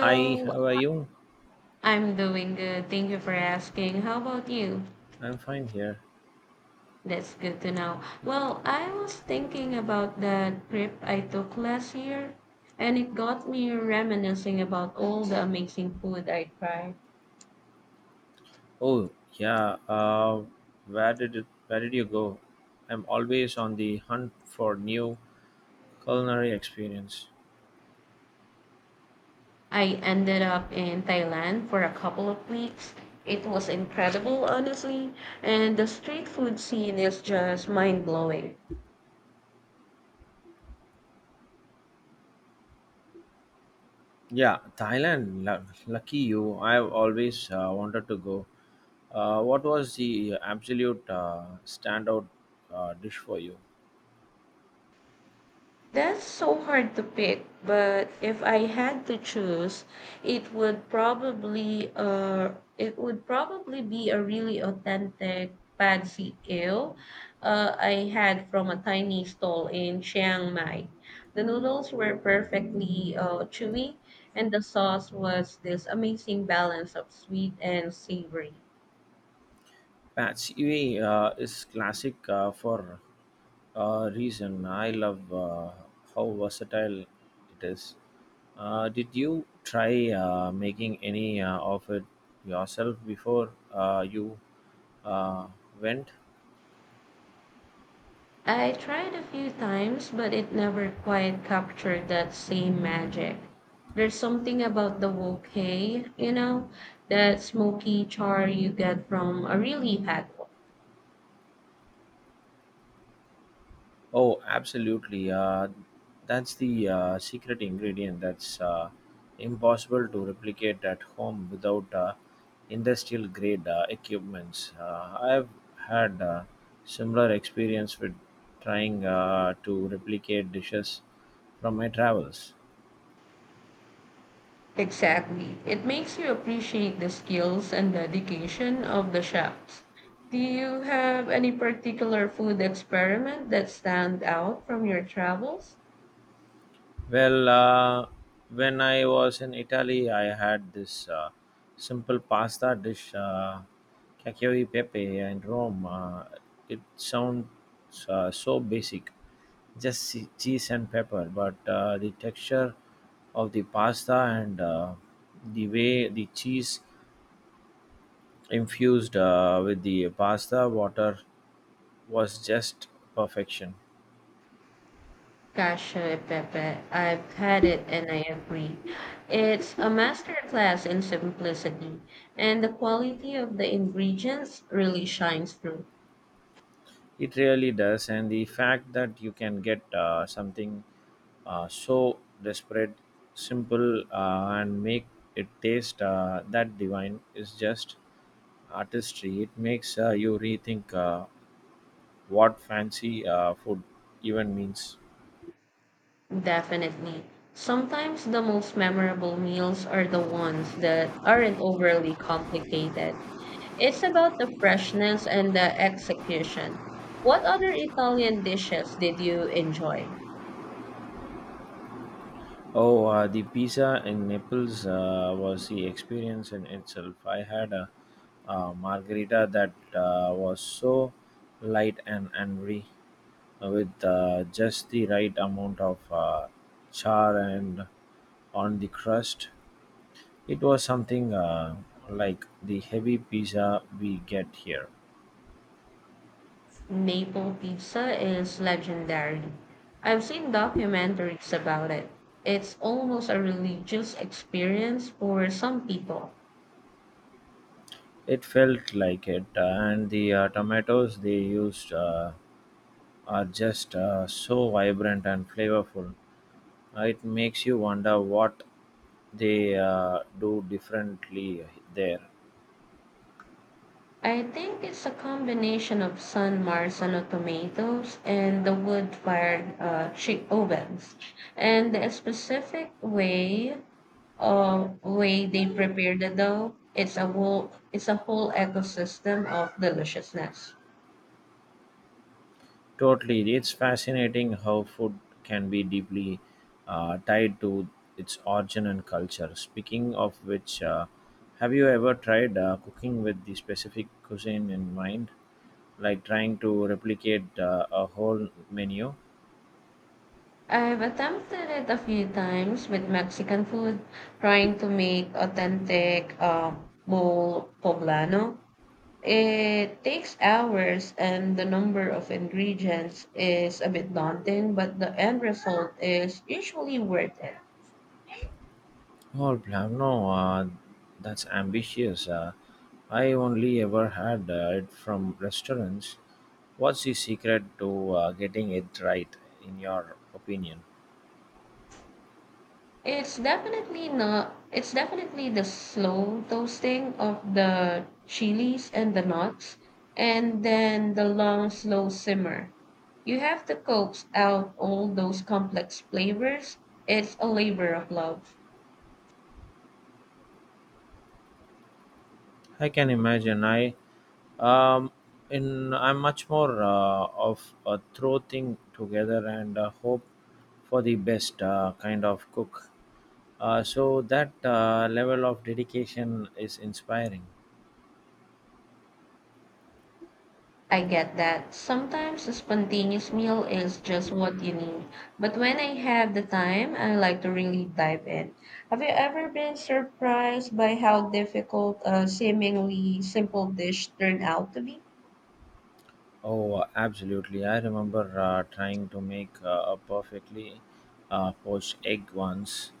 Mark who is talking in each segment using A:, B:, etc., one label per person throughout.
A: Hi, how are you?
B: I'm doing good. Thank you for asking. How about you?
A: I'm fine here.
B: That's good to know. Well, I was thinking about that trip I took last year, and it got me reminiscing about all the amazing food I tried.
A: Oh, yeah. Where did it, where did you go? I'm always on the hunt for new culinary experience.
B: I ended up in Thailand for a couple of weeks. It was incredible, honestly, and the street food scene is just mind blowing.
A: Yeah, Thailand. Lucky you. I've always wanted to go. What was the absolute standout dish for you?
B: That's so hard to pick, but if I had to choose, it would probably be a really authentic pansy kale I had from a tiny stall in Chiang Mai. The noodles were perfectly chewy, and the sauce was this amazing balance of sweet and savory.
A: Pad Siwi is classic for a reason. I love how versatile it is. Did you try making any of it yourself before you uh, went?
B: I tried a few times, but it never quite captured that same magic. There's something about the wok hay, you know, that smoky char you get from a really hot wok.
A: Oh, absolutely. That's the secret ingredient that's impossible to replicate at home without industrial grade equipments. I've had similar experience with trying to replicate dishes from my travels.
B: Exactly. It makes you appreciate the skills and dedication of the chefs. Do you have any particular food experiment that stand out from your travels?
A: Well, when I was in Italy, I had this simple pasta dish, cacio e pepe, in Rome. It sounds so basic, just cheese and pepper, but the texture of the pasta and the way the cheese infused with the pasta water was just perfection.
B: Cacio e Pepe. I've had it and I agree. It's a masterclass in simplicity, and the quality of the ingredients really shines through.
A: It really does, and the fact that you can get something so desperate, simple, and make it taste that divine is just artistry. It makes you rethink what fancy food even means.
B: Definitely. Sometimes the most memorable meals are the ones that aren't overly complicated. It's about the freshness and the execution. What other Italian dishes did you enjoy?
A: Oh, the pizza in Naples was the experience in itself. I had a, margarita that was so light and angry. With just the right amount of char and on the crust. It was something like the heavy pizza we get here.
B: Maple pizza is legendary. I've seen documentaries about it. It's almost a religious experience for some people.
A: It felt like it, and the tomatoes they used are just so vibrant and flavorful. It makes you wonder what they do differently there.
B: I think it's a combination of San Marzano tomatoes and the wood fired chick ovens, and the specific way they prepare the dough. It's a whole ecosystem of deliciousness.
A: Totally. It's fascinating how food can be deeply tied to its origin and culture. Speaking of which, have you ever tried cooking with the specific cuisine in mind? Like trying to replicate a whole menu?
B: I've attempted it a few times with Mexican food, trying to make authentic mole poblano. It takes hours, and the number of ingredients is a bit daunting, but the end result is usually worth it.
A: Oh, no, that's ambitious. I only ever had it from restaurants. What's the secret to getting it right, in your opinion?
B: It's definitely not. It's definitely the slow toasting of the chilies and the nuts, and then the long, slow simmer. You have to coax out all those complex flavors. It's a labor of love.
A: I can imagine. I um in I'm much more of a throw thing together and hope for the best kind of cook, so that level of dedication is inspiring.
B: I get that. Sometimes a spontaneous meal is just what you need. But when I have the time, I like to really dive in. Have you ever been surprised by how difficult a seemingly simple dish turned out to be?
A: Oh, absolutely. I remember trying to make a perfectly poached egg once.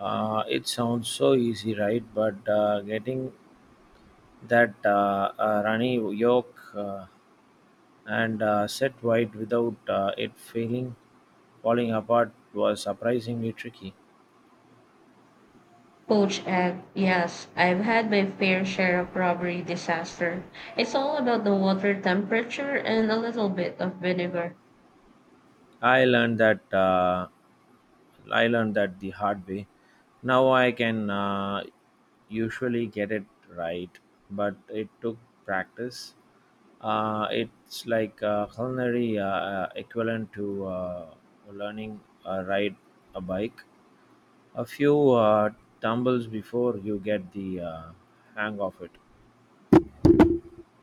A: It sounds so easy, right? But getting that runny yolk and set wide without it failing, falling apart was surprisingly tricky.
B: Poached egg, yes, I've had my fair share of robbery disaster. It's all about the water temperature and a little bit of vinegar.
A: I learned that uh, I learned that the hard way. Now I can usually get it right, but it took practice. It's like a culinary equivalent to learning ride a bike. A few tumbles before you get the hang of it.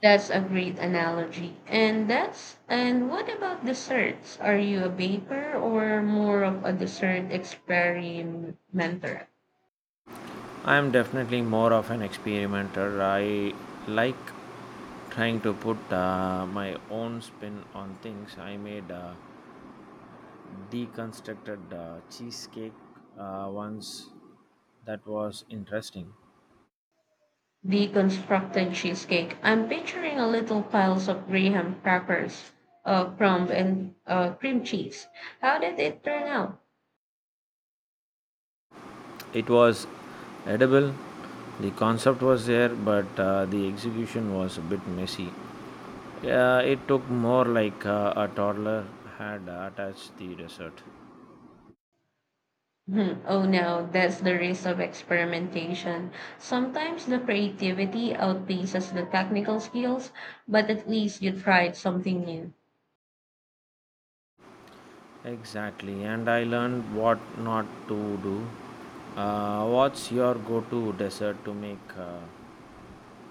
B: That's a great analogy. And what about desserts? Are you a baker or more of a dessert experimenter?
A: I am definitely more of an experimenter. I like trying to put my own spin on things. I made a deconstructed cheesecake once that was interesting.
B: Deconstructed cheesecake. I'm picturing a little piles of graham crackers, crumb and cream cheese. How did it turn out?
A: It was edible, the concept was there, but the execution was a bit messy. It took more like a toddler had attached the dessert.
B: Hmm. Oh no, that's the risk of experimentation. Sometimes the creativity outpaces the technical skills, but at least you tried something new.
A: Exactly, and I learned what not to do. What's your go-to dessert to make,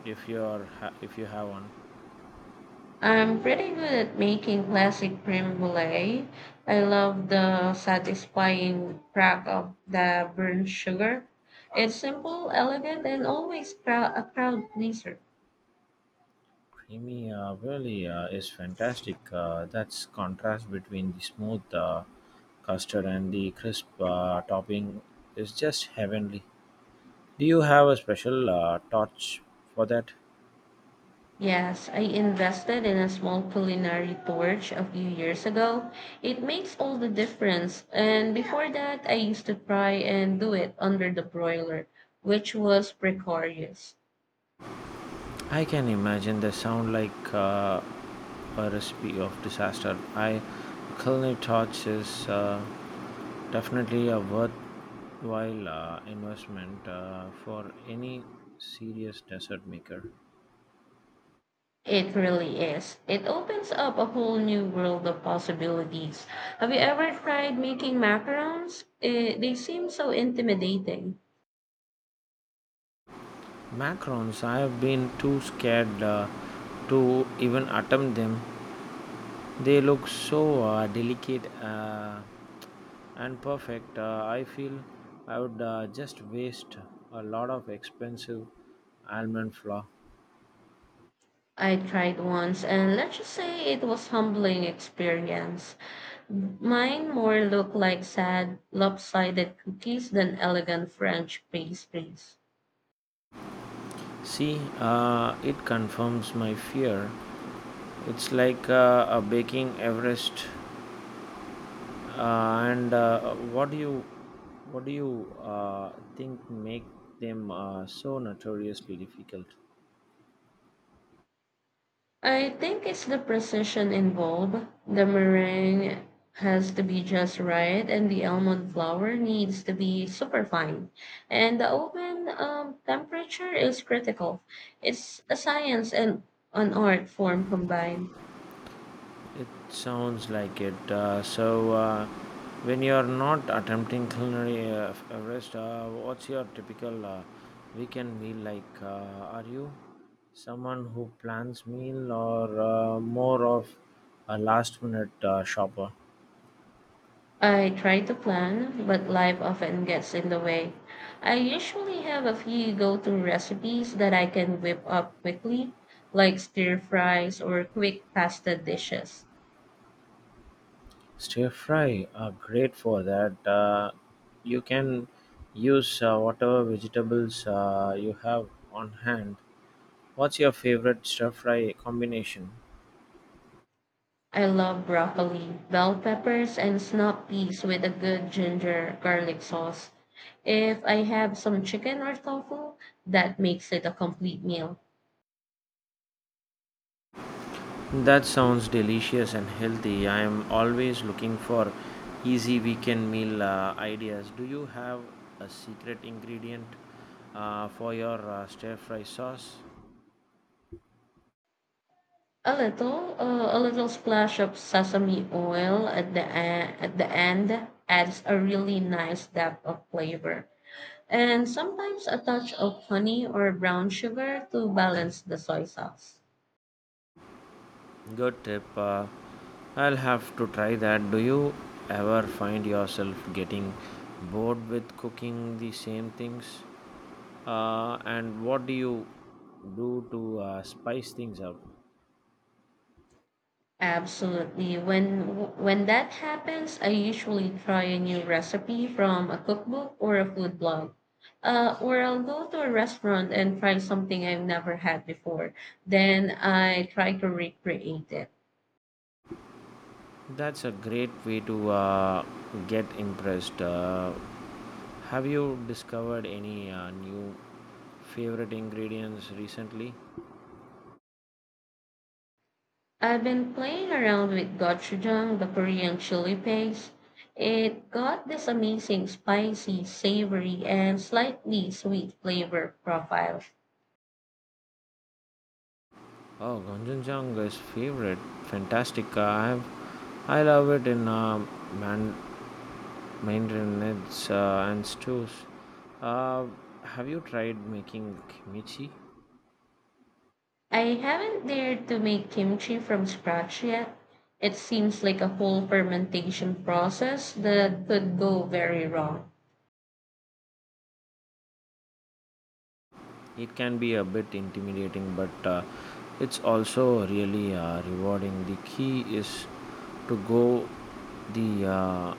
A: if if you have one?
B: I'm pretty good at making classic creme brulee. I love the satisfying crack of the burnt sugar. It's simple, elegant, and always a crowd pleaser.
A: Creamy really is fantastic. That's contrast between the smooth custard and the crisp topping is just heavenly. Do you have a special torch for that?
B: Yes, I invested in a small culinary torch a few years ago. It makes all the difference. And before that, I used to try and do it under the broiler, which was precarious.
A: I can imagine they sound like a recipe of disaster. I culinary torch is. Definitely a worthwhile investment for any serious desert maker.
B: It really is. It opens up a whole new world of possibilities. Have you ever tried making macarons? They seem so intimidating.
A: Macarons, I have been too scared to even attempt them. They look so delicate and perfect. I feel I would just waste a lot of expensive almond flour.
B: I tried once, and let's just say it was humbling experience. Mine more looked like sad, lopsided cookies than elegant French pastries.
A: See, it confirms my fear. It's like a baking Everest. And what do you think make them so notoriously difficult?
B: I think it's the precision involved. The meringue has to be just right, and the almond flour needs to be super fine. And the oven temperature is critical. It's a science and an art form combined.
A: It sounds like it. So, when you are not attempting culinary Everest, what's your typical weekend meal like? Are you someone who plans meal or more of a last minute shopper?
B: I try to plan, but life often gets in the way. I usually have a few go to recipes that I can whip up quickly, like stir fries or quick pasta dishes.
A: Stir-fry are great for that. You can use whatever vegetables you have on hand. What's your favorite stir-fry combination?
B: I love broccoli, bell peppers, and snap peas with a good ginger garlic sauce. If I have some chicken or tofu, that makes it a complete meal.
A: That sounds delicious and healthy. I am always looking for easy weekend meal ideas. Do you have a secret ingredient for your stir-fry sauce?
B: A little splash of sesame oil at at the end adds a really nice depth of flavor, and sometimes a touch of honey or brown sugar to balance the soy sauce.
A: Good tip. I'll have to try that. Do you ever find yourself getting bored with cooking the same things? And what do you do to spice things up?
B: Absolutely. When that happens, I usually try a new recipe from a cookbook or a food blog. Or I'll go to a restaurant and try something I've never had before. Then I try to recreate it.
A: That's a great way to get impressed. Have you discovered any new favorite ingredients recently?
B: I've been playing around with gochujang, the Korean chili paste. It got this amazing spicy, savory, and slightly sweet flavor profile.
A: Oh, gochujang is favorite. Fantastic. I have, I love it in man, Maintenance and stews. Uh, have you tried making kimchi?
B: I haven't dared to make kimchi from scratch yet. It seems like a whole fermentation process that could go very wrong.
A: It can be a bit intimidating, but it's also really rewarding. The key is to go the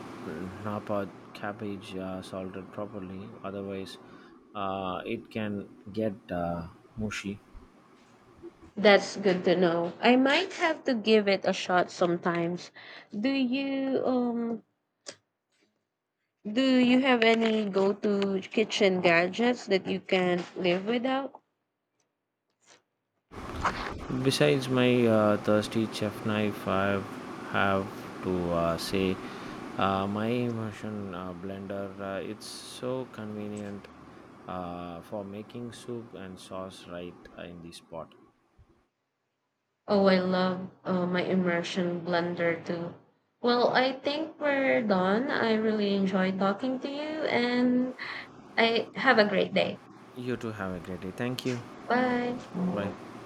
A: napa cabbage salted properly. Otherwise, it can get mushy.
B: That's good to know. I might have to give it a shot sometimes. Do you um do you have any go-to kitchen gadgets that you can't live without?
A: Besides my thirsty chef knife, I have to say my immersion blender. It's so convenient for making soup and sauce right in the spot.
B: Oh, I love my immersion blender too. Well, I think we're done. I really enjoy talking to you and I have a great day.
A: You too, have a great day. Thank you.
B: Bye.
A: Bye.